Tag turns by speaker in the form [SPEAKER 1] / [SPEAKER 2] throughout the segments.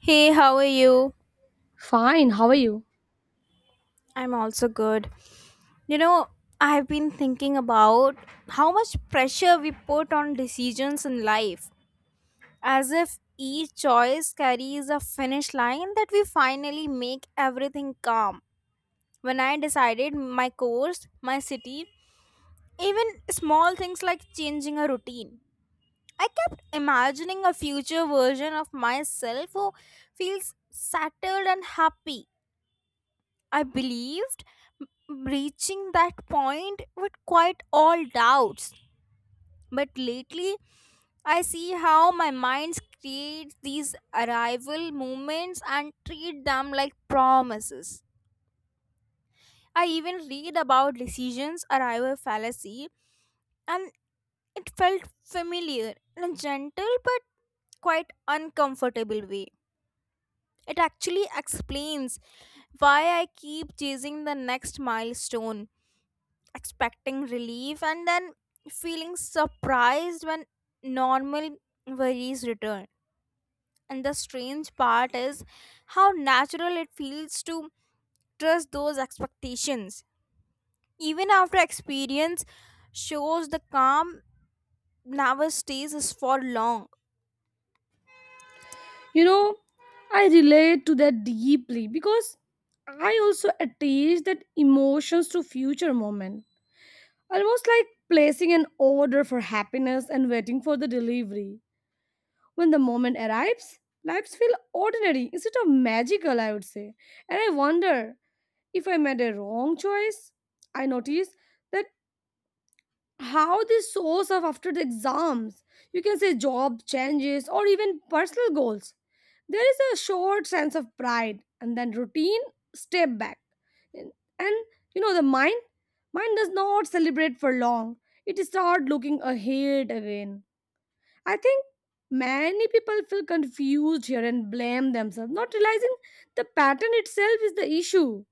[SPEAKER 1] Hey, how are you?
[SPEAKER 2] Fine, how are you?
[SPEAKER 1] I'm also good. You know, I've been thinking about how much pressure we put on decisions in life, as if each choice carries a finish line that we finally make everything calm. When I decided my course, my city, even small things like changing a routine, I kept imagining a future version of myself who feels settled and happy. I believed m- reaching that point would quite all doubts. But lately, I see how my mind creates these arrival moments and treat them like promises. I even read about decisions arrival fallacy, and it felt familiar in a gentle but quite uncomfortable way. It actually explains why I keep chasing the next milestone expecting relief and then feeling surprised when normal worries return. And the strange part is how natural it feels to trust those expectations, even after experience shows the calm never stays is for long.
[SPEAKER 2] You know, I relate to that deeply because I also attach that emotions to future moment. Almost like placing an order for happiness and waiting for the delivery. When the moment arrives, lives feel ordinary instead of magical, I would say. And I wonder if I made a wrong choice. I notice that how they source up after the exams, you can say job changes or even personal goals, there is a short sense of pride and then routine step back, and and you know, the mind does not celebrate for long. It start looking ahead again. I think many people feel confused here and blame themselves, not realizing the pattern itself is the issue,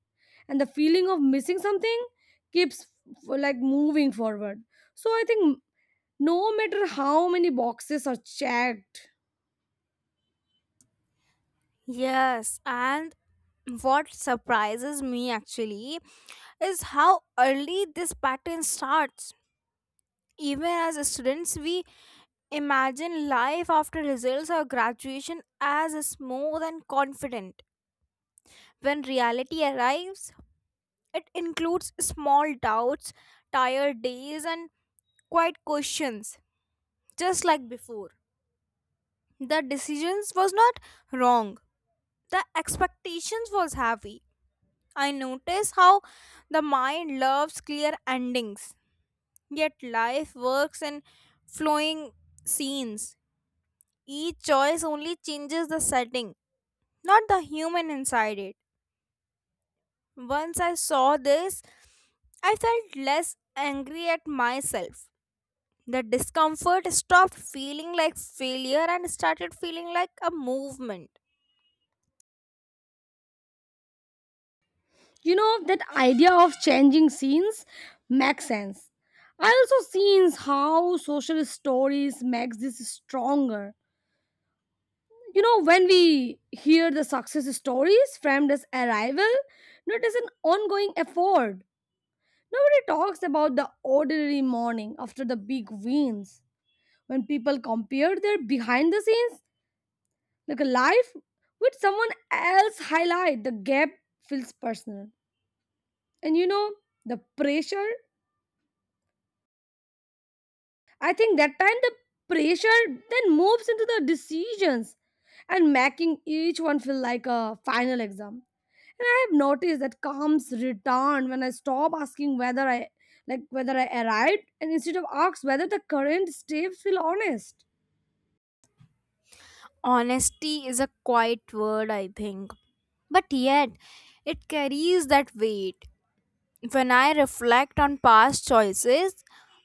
[SPEAKER 2] and the feeling of missing something keeps f- like moving forward. So I think, no matter how many boxes are checked.
[SPEAKER 1] Yes, and what surprises me actually is how early this pattern starts. Even as students, we imagine life after results or graduation as smooth and confident. When reality arrives, it includes small doubts, tired days, and quiet questions, just like before. The decisions was not wrong. The expectations was heavy. I notice how the mind loves clear endings, yet life works in flowing scenes. Each choice only changes the setting, not the human inside it. Once I saw this, I felt less angry at myself. The discomfort stopped feeling like failure and started feeling like a movement.
[SPEAKER 2] You know, that idea of changing scenes makes sense. I also seen how social stories makes this stronger. You know, when we hear the success stories framed as arrival, not as an ongoing effort. Nobody talks about the ordinary morning after the big wins. When people compare their behind the scenes, like a life with someone else, highlight the gap feels personal. And you know, the pressure, I think that time the pressure then moves into the decisions and making each one feel like a final exam. And I have noticed that calms return when I stop asking whether I like whether I arrived, and instead of ask whether the current steps feel honest.
[SPEAKER 1] Honesty is a quiet word, I think, but yet it carries that weight. When I reflect on past choices,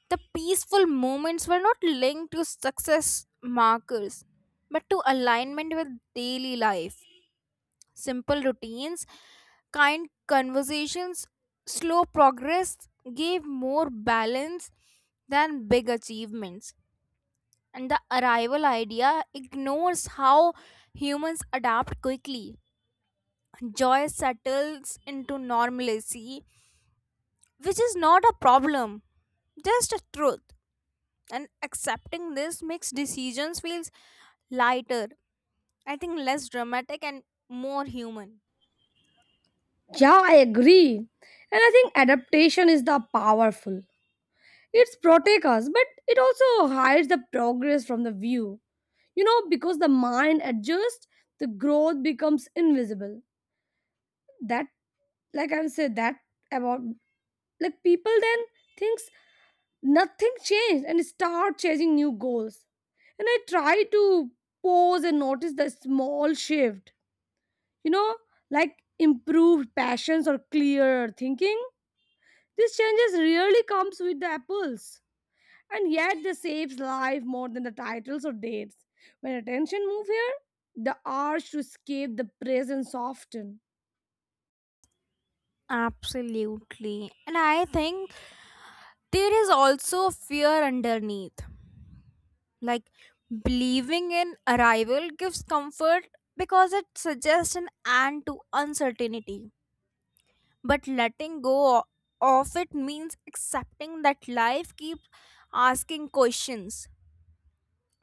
[SPEAKER 1] the peaceful moments were not linked to success markers but to alignment with daily life. Simple routines, kind conversations, slow progress gave more balance than big achievements. And the arrival idea ignores how humans adapt quickly. Joy settles into normalcy, which is not a problem, just a truth. And accepting this makes decisions feels lighter, I think, less dramatic and more human.
[SPEAKER 2] Yeah, I agree. And I think adaptation is the powerful. It's protects us, but it also hides the progress from the view. You know, because the mind adjusts, the growth becomes invisible. That, like I said, that about like people then thinks nothing changed and start chasing new goals. And I try to pause and notice the small shift. You know, like improved passions or clearer thinking. These changes really comes with the apples, and yet they saves life more than the titles or dates. When attention move here, the urge to escape the present soften.
[SPEAKER 1] Absolutely. And I think there is also fear underneath. Like, believing in arrival gives comfort because it suggests an end to uncertainty. But letting go of it means accepting that life keeps asking questions.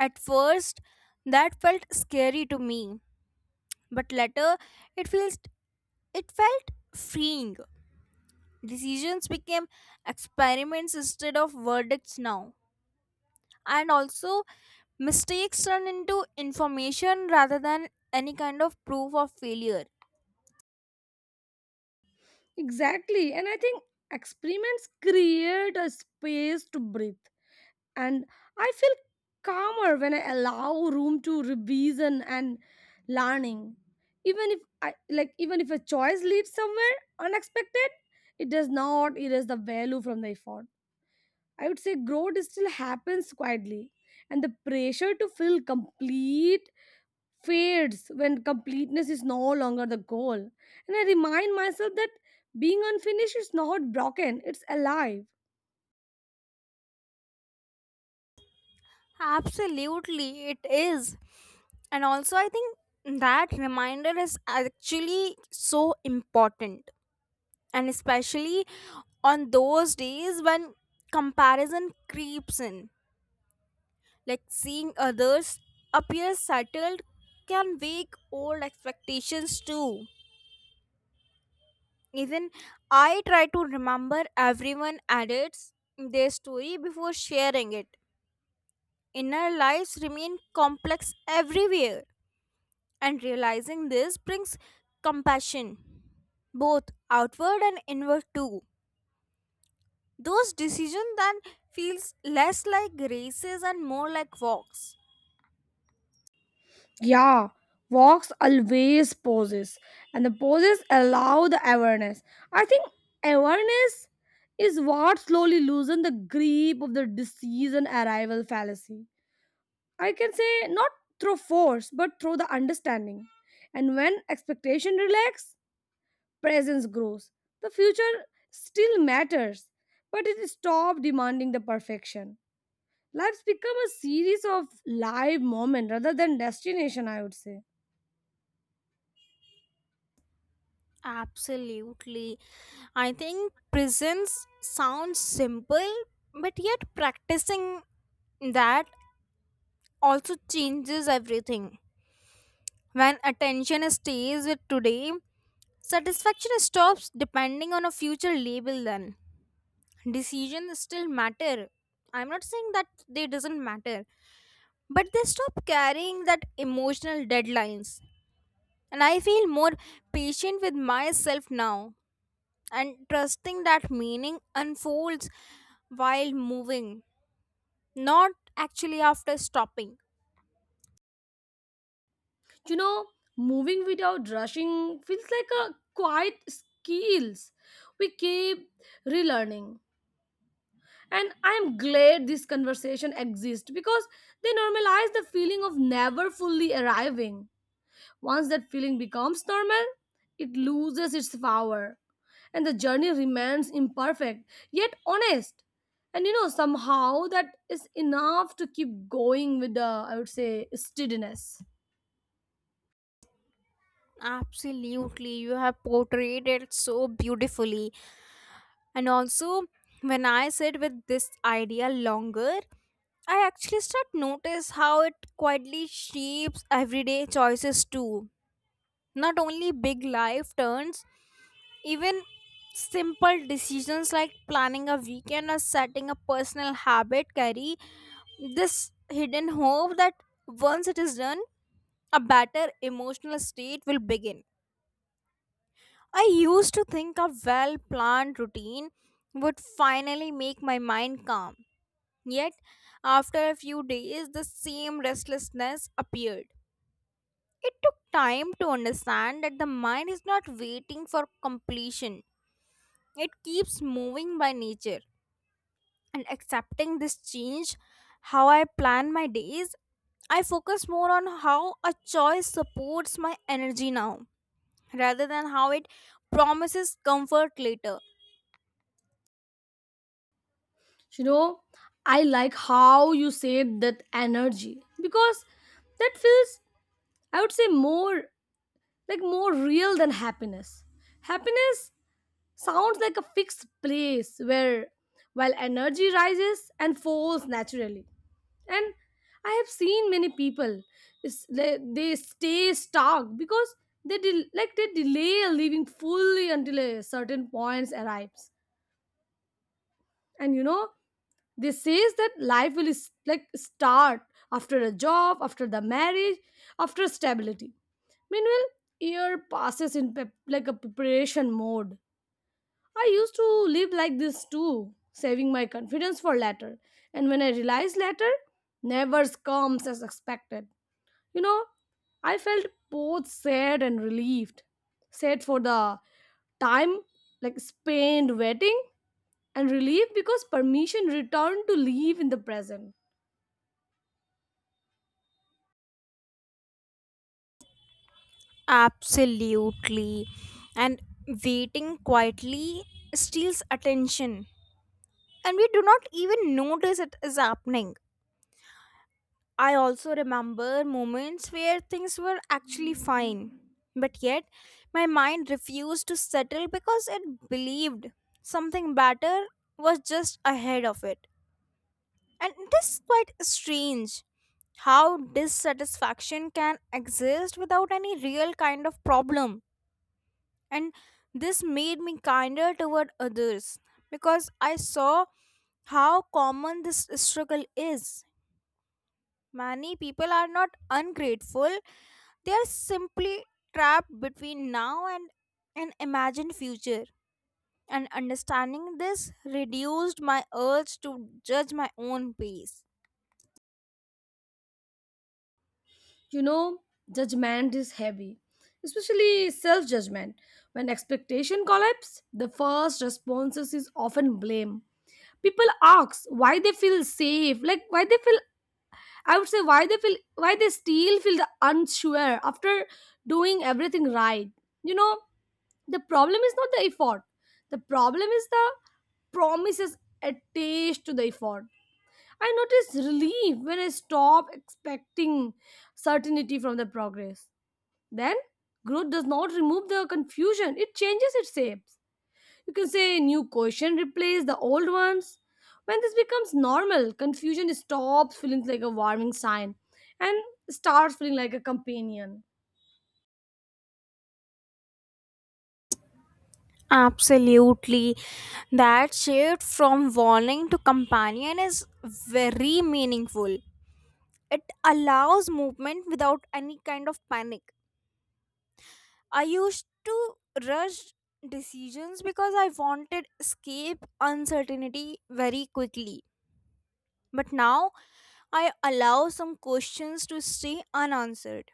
[SPEAKER 1] At first, that felt scary to me, but later it feels it felt freeing. Decisions became experiments instead of verdicts now, and also mistakes turn into information rather than any kind of proof of failure.
[SPEAKER 2] Exactly, and I think experiments create a space to breathe, and I feel calmer when I allow room to revision and learning. Even if a choice leads somewhere unexpected, it does not erase the value from the effort. I would say growth still happens quietly, and the pressure to feel complete fades when completeness is no longer the goal. And I remind myself that being unfinished is not broken, it's alive.
[SPEAKER 1] Absolutely, it is. And also, I think that reminder is actually so important, and especially on those days when comparison creeps in, like seeing others appear settled, can wake old expectations too. Even I try to remember everyone edits their story before sharing it. Inner lives remain complex everywhere, and realizing this brings compassion, both outward and inward too. Those decisions then feels less like races and more like walks.
[SPEAKER 2] Yeah, walks always pauses, and the pauses allow the awareness. I think awareness is what slowly loosens the grip of the disease and arrival fallacy. I can say not through force, but through the understanding. And when expectation relax, presence grows. The future still matters, but it stop demanding the perfection. Life's become a series of live moment rather than destination, I would say.
[SPEAKER 1] Absolutely. I think prisons sound simple, but yet practicing that also changes everything. When attention stays with today, satisfaction stops depending on a future label then. Decisions still matter. I'm not saying that they doesn't matter, but they stop carrying that emotional deadlines. And I feel more patient with myself now, and trusting that meaning unfolds while moving, not actually after stopping.
[SPEAKER 2] You know, moving without rushing feels like a quiet skills we keep relearning. And I'm glad this conversation exists because they normalize the feeling of never fully arriving. Once that feeling becomes normal, it loses its power, and the journey remains imperfect yet honest. And you know, somehow that is enough to keep going with the, I would say, steadiness.
[SPEAKER 1] Absolutely, you have portrayed it so beautifully. And also, when I sit with this idea longer, I actually start notice how it quietly shapes everyday choices too. Not only big life turns, even simple decisions like planning a weekend or setting a personal habit carry this hidden hope that once it is done, a better emotional state will begin. I used to think a well planned routine would finally make my mind calm. Yet, after a few days, the same restlessness appeared. It took time to understand that the mind is not waiting for completion, it keeps moving by nature. And accepting this change, how I plan my days, I focus more on how a choice supports my energy now rather than how it promises comfort later.
[SPEAKER 2] You know, I like how you said that energy because that feels, I would say more real than happiness. Happiness sounds like a fixed place where, while energy rises and falls naturally. And I have seen many people they stay stuck because like they delay leaving fully until a certain point arrives. And you know, they says that life will like start after a job, after the marriage, after stability. Meanwhile, year passes in like a preparation mode. I used to live like this too, saving my confidence for later. And when I realized later never comes as expected, you know, I felt both sad and relieved. Sad for the time like spent waiting, and relieved because permission returned to live in the present.
[SPEAKER 1] Absolutely. And waiting quietly steals attention. And we do not even notice it is happening. I also remember moments where things were actually fine. But yet, my mind refused to settle because it believed something better was just ahead of it. And it is quite strange how dissatisfaction can exist without any real kind of problem. And this made me kinder toward others because I saw how common this struggle is. Many people are not ungrateful, they are simply trapped between now and an imagined future. And understanding this reduced my urge to judge my own pace.
[SPEAKER 2] You know, judgment is heavy, especially self judgment. When expectation collapse, the first responses is often blame. People ask why they feel safe, like why they feel, I would say, why they feel why they still feel the unsure after doing everything right. You know, the problem is not the effort. The problem is the promises attached to the effort. I notice relief when I stop expecting certainty from the progress. Then growth does not remove the confusion, it changes its shapes. You can say new question replace the old ones. When this becomes normal, confusion stops feeling like a warning sign and starts feeling like a companion.
[SPEAKER 1] Absolutely. That shift from warning to companion is very meaningful. It allows movement without any kind of panic. I used to rush decisions because I wanted escape uncertainty very quickly. But now I allow some questions to stay unanswered.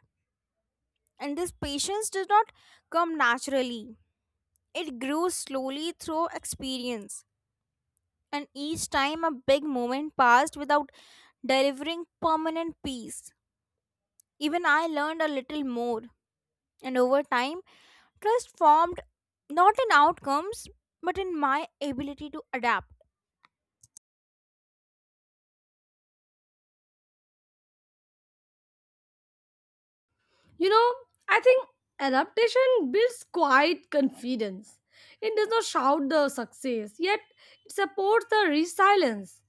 [SPEAKER 1] And this patience did not come naturally. It grew slowly through experience. And each time a big moment passed without delivering permanent peace, even I learned a little more. And over time, trust formed not in outcomes but in my ability to adapt.
[SPEAKER 2] You know, I think adaptation builds quiet confidence. It does not shout the success, yet it supports the resilience.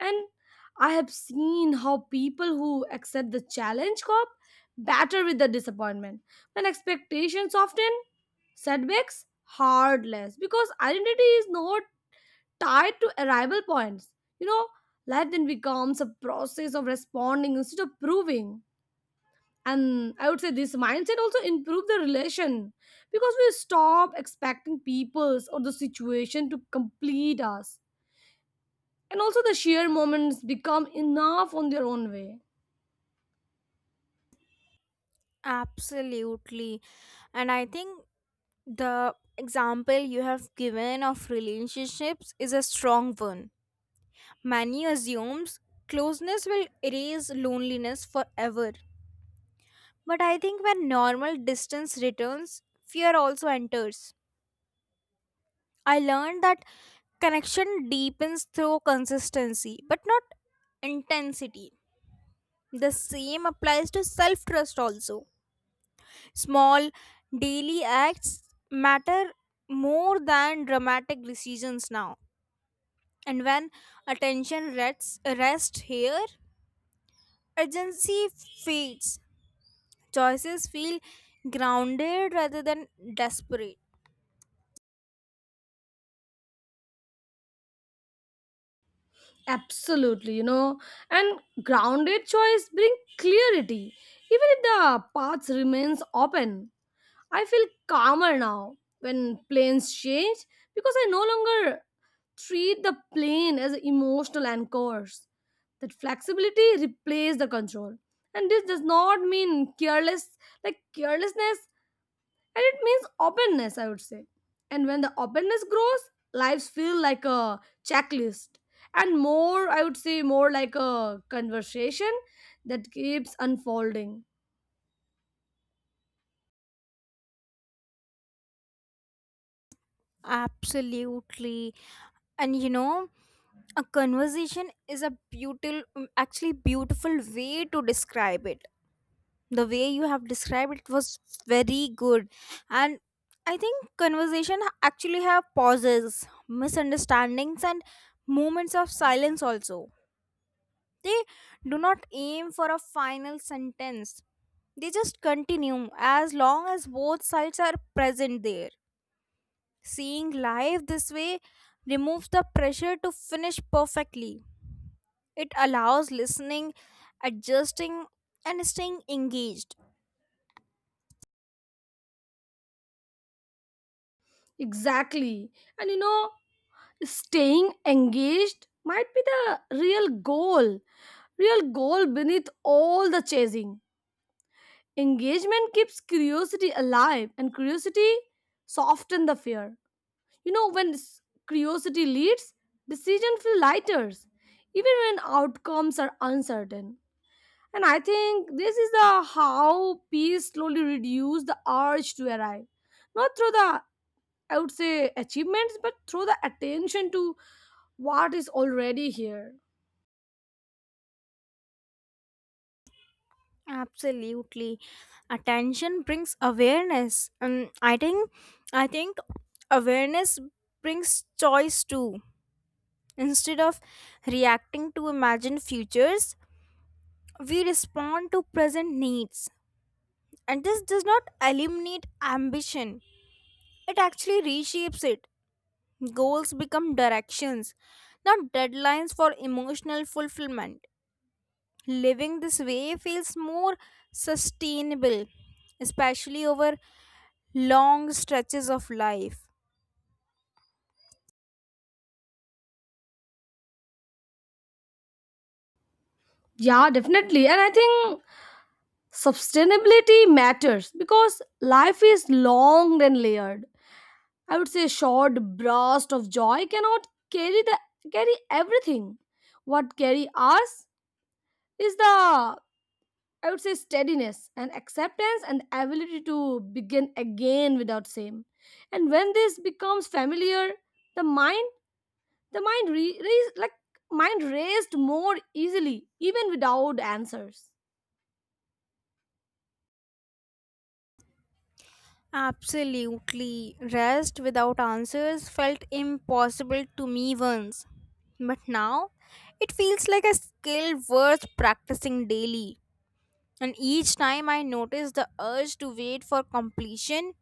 [SPEAKER 2] And I have seen how people who accept the challenge cope better with the disappointment. When expectations often setbacks, hard less because identity is not tied to arrival points. You know, life then becomes a process of responding instead of proving. And I would say this mindset also improve the relation because we stop expecting peoples or the situation to complete us, and also the sheer moments become enough on their own way.
[SPEAKER 1] Absolutely. And I think the example you have given of relationships is a strong one. Many assumes closeness will erase loneliness forever. But I think when normal distance returns, fear also enters. I learned that connection deepens through consistency, but not intensity. The same applies to self trust also. Small daily acts matter more than dramatic decisions now. And when attention rests here, urgency fades. Choices feel grounded rather than desperate.
[SPEAKER 2] Absolutely, you know, and grounded choice bring clarity even if the path remains open. I feel calmer now when planes change because I no longer treat the plane as emotional anchors. That flexibility replaces the control, and this does not mean carelessness, and it means openness, I would say. And when the openness grows, lives feel like a checklist and more, I would say, more like a conversation that keeps unfolding.
[SPEAKER 1] Absolutely. And you know, a conversation is a beautiful, actually beautiful way to describe it. The way you have described it was very good. And I think conversation actually have pauses, misunderstandings, and moments of silence also. They do not aim for a final sentence, they just continue as long as both sides are present there. Seeing life this way removes the pressure to finish perfectly. It allows listening, adjusting, and staying engaged.
[SPEAKER 2] Exactly, and you know, staying engaged might be the real goal real goal beneath all the chasing. Engagement keeps curiosity alive, and curiosity softens the fear. You know, when curiosity leads, decision feel lighter, even when outcomes are uncertain. And I think this is the how peace slowly reduce the urge to arrive, not through the, I would say, achievements, but through the attention to what is already here.
[SPEAKER 1] Absolutely. Attention brings awareness. And I think awareness brings choice too. Instead of reacting to imagined futures, we respond to present needs. And this does not eliminate ambition. It actually reshapes it. Goals become directions, not deadlines for emotional fulfillment. Living this way feels more sustainable, especially over long stretches of life.
[SPEAKER 2] Yeah, definitely. And I think sustainability matters because life is long and layered. I would say a short burst of joy cannot carry everything. What carry us is the, I would say, steadiness and acceptance and the ability to begin again without shame. And when this becomes familiar, the mind the mind re, re, like mind raised more easily even without answers.
[SPEAKER 1] Absolutely. Rest without answers felt impossible to me once. But now, it feels like a skill worth practicing daily. And each time I notice the urge to wait for completion,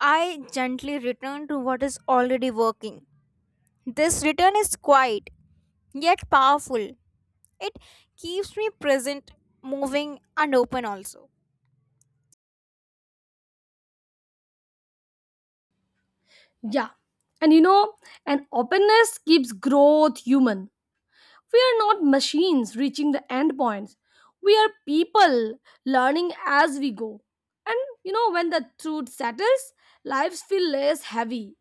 [SPEAKER 1] I gently return to what is already working. This return is quiet, yet powerful. It keeps me present, moving, and open also.
[SPEAKER 2] Yeah. And you know, an openness keeps growth human. We are not machines reaching the end points. We are people learning as we go. And you know, when the truth settles, lives feel less heavy.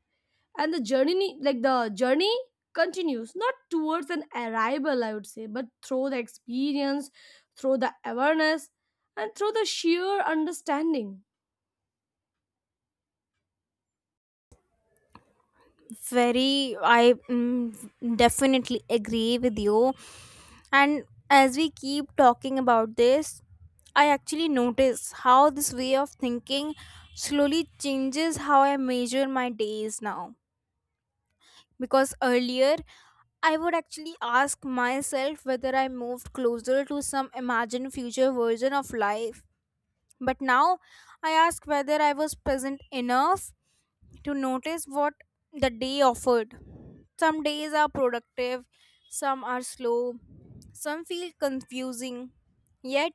[SPEAKER 2] And the journey continues, not towards an arrival, I would say, but through the experience, through the awareness, and through the sheer understanding.
[SPEAKER 1] very i mm, Definitely agree with you. And as we keep talking about this, I actually notice how this way of thinking slowly changes how I measure my days now. Because earlier, I would actually ask myself whether I moved closer to some imagined future version of life. But now, I ask whether I was present enough to notice what the day offered. Some days are productive, some are slow, some feel confusing, yet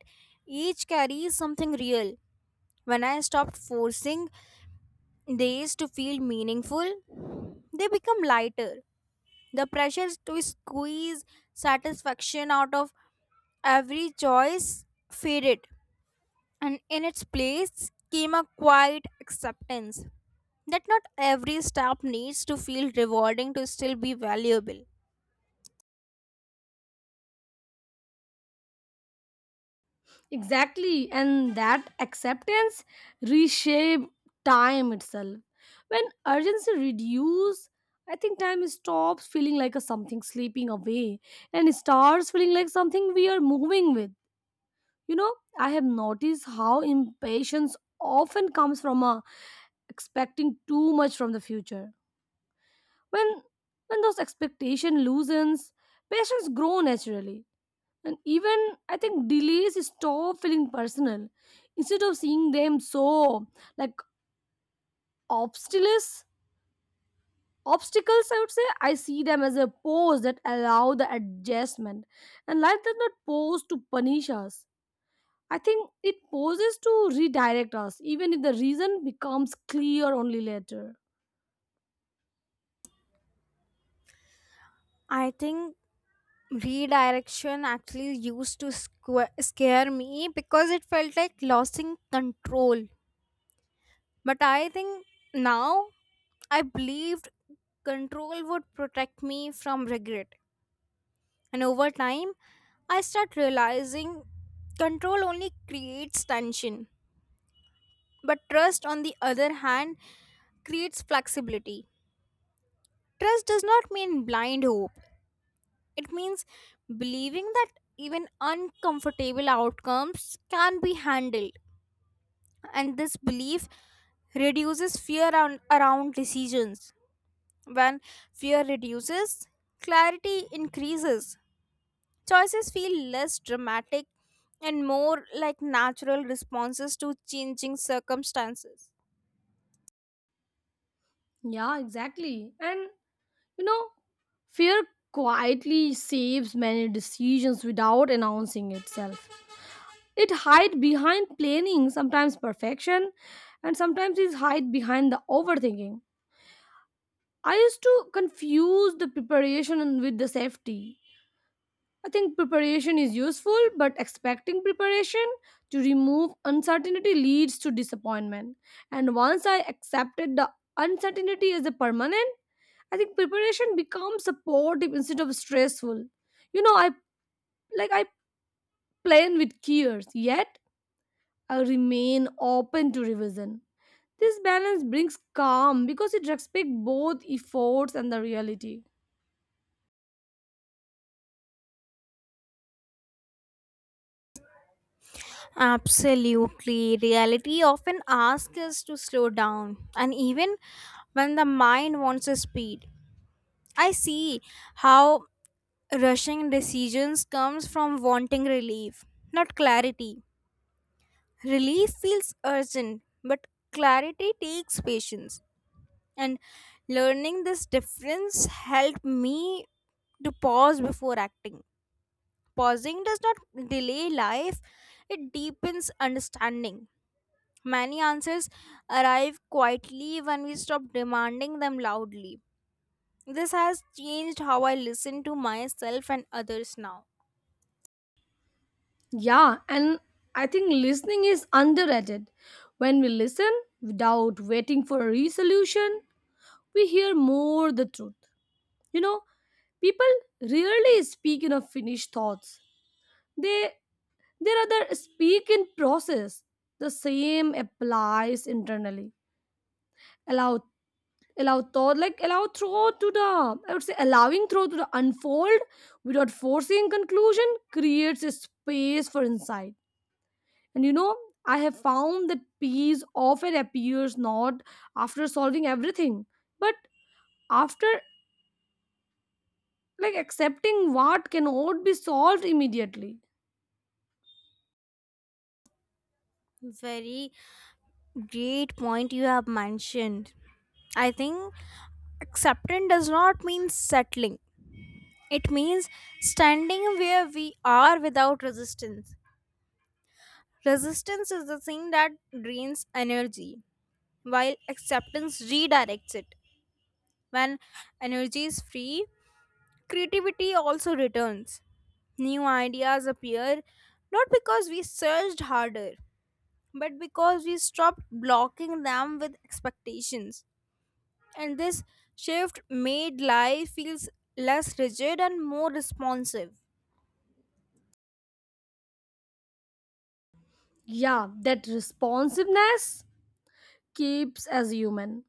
[SPEAKER 1] each carries something real. When I stopped forcing days to feel meaningful, they become lighter. The pressure to squeeze satisfaction out of every choice faded, and in its place came a quiet acceptance that not every step needs to feel rewarding to still be valuable.
[SPEAKER 2] Exactly, and that acceptance reshape time itself. When urgency reduces, I think time stops feeling like a something sleeping away and starts feeling like something we are moving with. You know, I have noticed how impatience often comes from a expecting too much from the future. When when those expectation loosens, patience grow naturally. And even I think delays stop feeling personal. Instead of seeing them so like obstacles, obstacles, I would say I see them as a pose that allow the adjustment. And life does not pose to punish us. I think it poses to redirect us, even if the reason becomes clear only later.
[SPEAKER 1] I think redirection actually used to scare me because it felt like losing control. But I think now I believed control would protect me from regret. And over time, I start realizing control only creates tension. But trust, on the other hand, creates flexibility. Trust does not mean blind hope, it means believing that even uncomfortable outcomes can be handled. And this belief reduces fear around decisions. When fear reduces, clarity increases. Choices feel less dramatic and more like natural responses to changing circumstances.
[SPEAKER 2] Yeah, exactly. And you know, fear quietly saves many decisions without announcing itself. It hide behind planning, sometimes perfection, and sometimes it hide behind the overthinking. I used to confuse the preparation with the safety. I think preparation is useful, but expecting preparation to remove uncertainty leads to disappointment. And once I accepted the uncertainty as a permanent, I think preparation becomes supportive instead of stressful. You know, I plan with cares, yet I remain open to revision. This balance brings calm because it respects both efforts and the reality.
[SPEAKER 1] Absolutely. Reality often asks us to slow down, and even when the mind wants a speed. I see how rushing decisions comes from wanting relief, not clarity. Relief feels urgent, but clarity takes patience. And learning this difference helped me to pause before acting. Pausing does not delay life, it deepens understanding. Many answers arrive quietly when we stop demanding them loudly. This has changed how I listen to myself and others now.
[SPEAKER 2] Yeah, and I think listening is underrated. When we listen without waiting for a resolution, we hear more the truth. You know, people rarely speak in a finished thoughts. They they rather speak in process. The same applies internally. Allow allow thought like allow throw to the I would say allowing throw to the unfold without forcing conclusion creates a space for insight. And you know, I have found that peace often appears not after solving everything, but after like accepting what cannot be solved immediately.
[SPEAKER 1] Very great point you have mentioned. I think acceptance does not mean settling, it means standing where we are without resistance. Resistance is the thing that drains energy, while acceptance redirects it. When energy is free, creativity also returns. New ideas appear not because we searched harder, but because we stopped blocking them with expectations. And this shift made life feels less rigid and more responsive.
[SPEAKER 2] Yeah, that responsiveness keeps as human.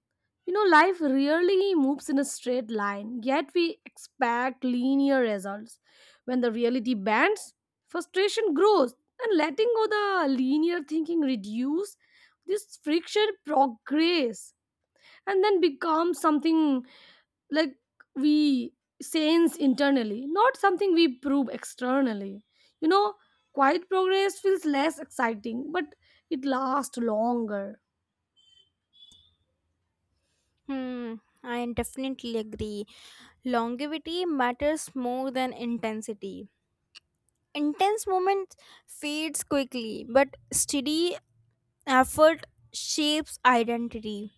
[SPEAKER 2] You know, life rarely moves in a straight line, yet we expect linear results. When the reality bends, frustration grows, and letting go the linear thinking reduce this friction progress, and then becomes something like we sense internally, not something we prove externally. You know, quiet progress feels less exciting, but it lasts longer.
[SPEAKER 1] Hmm, I definitely agree. Longevity matters more than intensity. Intense moment fades quickly, but steady effort shapes identity.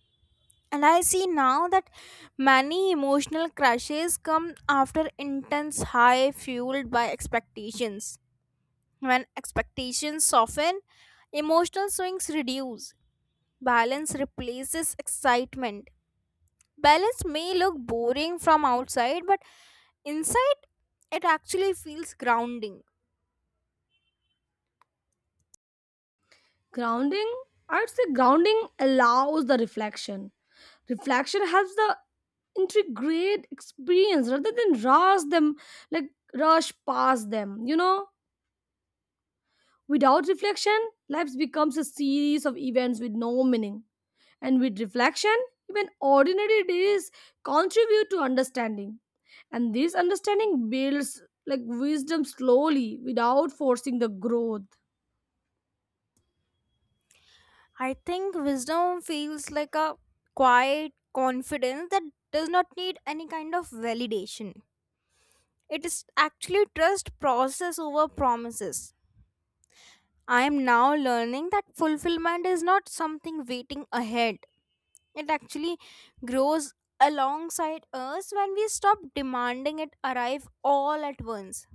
[SPEAKER 1] And I see now that many emotional crashes come after intense high fueled by expectations. When expectations soften, emotional swings reduce. Balance replaces excitement. Balance may look boring from outside, but inside it actually feels grounding.
[SPEAKER 2] Grounding, I'd say grounding allows the reflection. Reflection helps the integrate experience rather than like rush past them, you know. Without reflection, life becomes a series of events with no meaning, and with reflection, even ordinary days contribute to understanding, and this understanding builds like wisdom slowly without forcing the growth.
[SPEAKER 1] I think wisdom feels like a quiet confidence that does not need any kind of validation. It is actually trust process over promises. I am now learning that fulfillment is not something waiting ahead. It actually grows alongside us when we stop demanding it arrive all at once.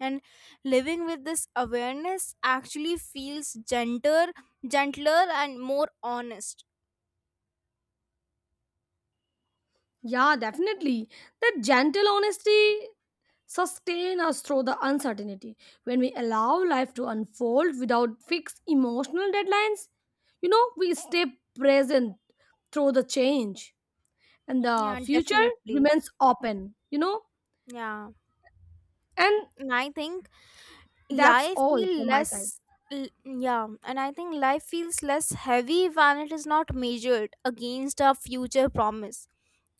[SPEAKER 1] And living with this awareness actually feels gentler, and more honest.
[SPEAKER 2] Yeah, definitely. That gentle honesty sustain us through the uncertainty. When we allow life to unfold without fixed emotional deadlines, you know, we stay present through the change, and the
[SPEAKER 1] Yeah,
[SPEAKER 2] future
[SPEAKER 1] definitely.
[SPEAKER 2] remains open, you know.
[SPEAKER 1] Yeah.
[SPEAKER 2] And
[SPEAKER 1] And I think
[SPEAKER 2] that's
[SPEAKER 1] life
[SPEAKER 2] all
[SPEAKER 1] feel
[SPEAKER 2] from my side.
[SPEAKER 1] less l- yeah, and I think life feels less heavy when it is not measured against a future promise.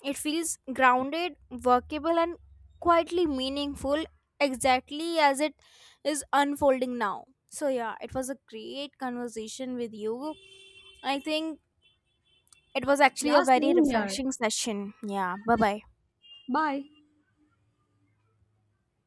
[SPEAKER 1] It feels grounded, workable, and quietly meaningful, exactly as it is unfolding now. So yeah, it was a great conversation with you. I think it was actually a
[SPEAKER 2] Yeah,
[SPEAKER 1] very
[SPEAKER 2] same here.
[SPEAKER 1] refreshing session. Yeah, bye bye.
[SPEAKER 2] Bye.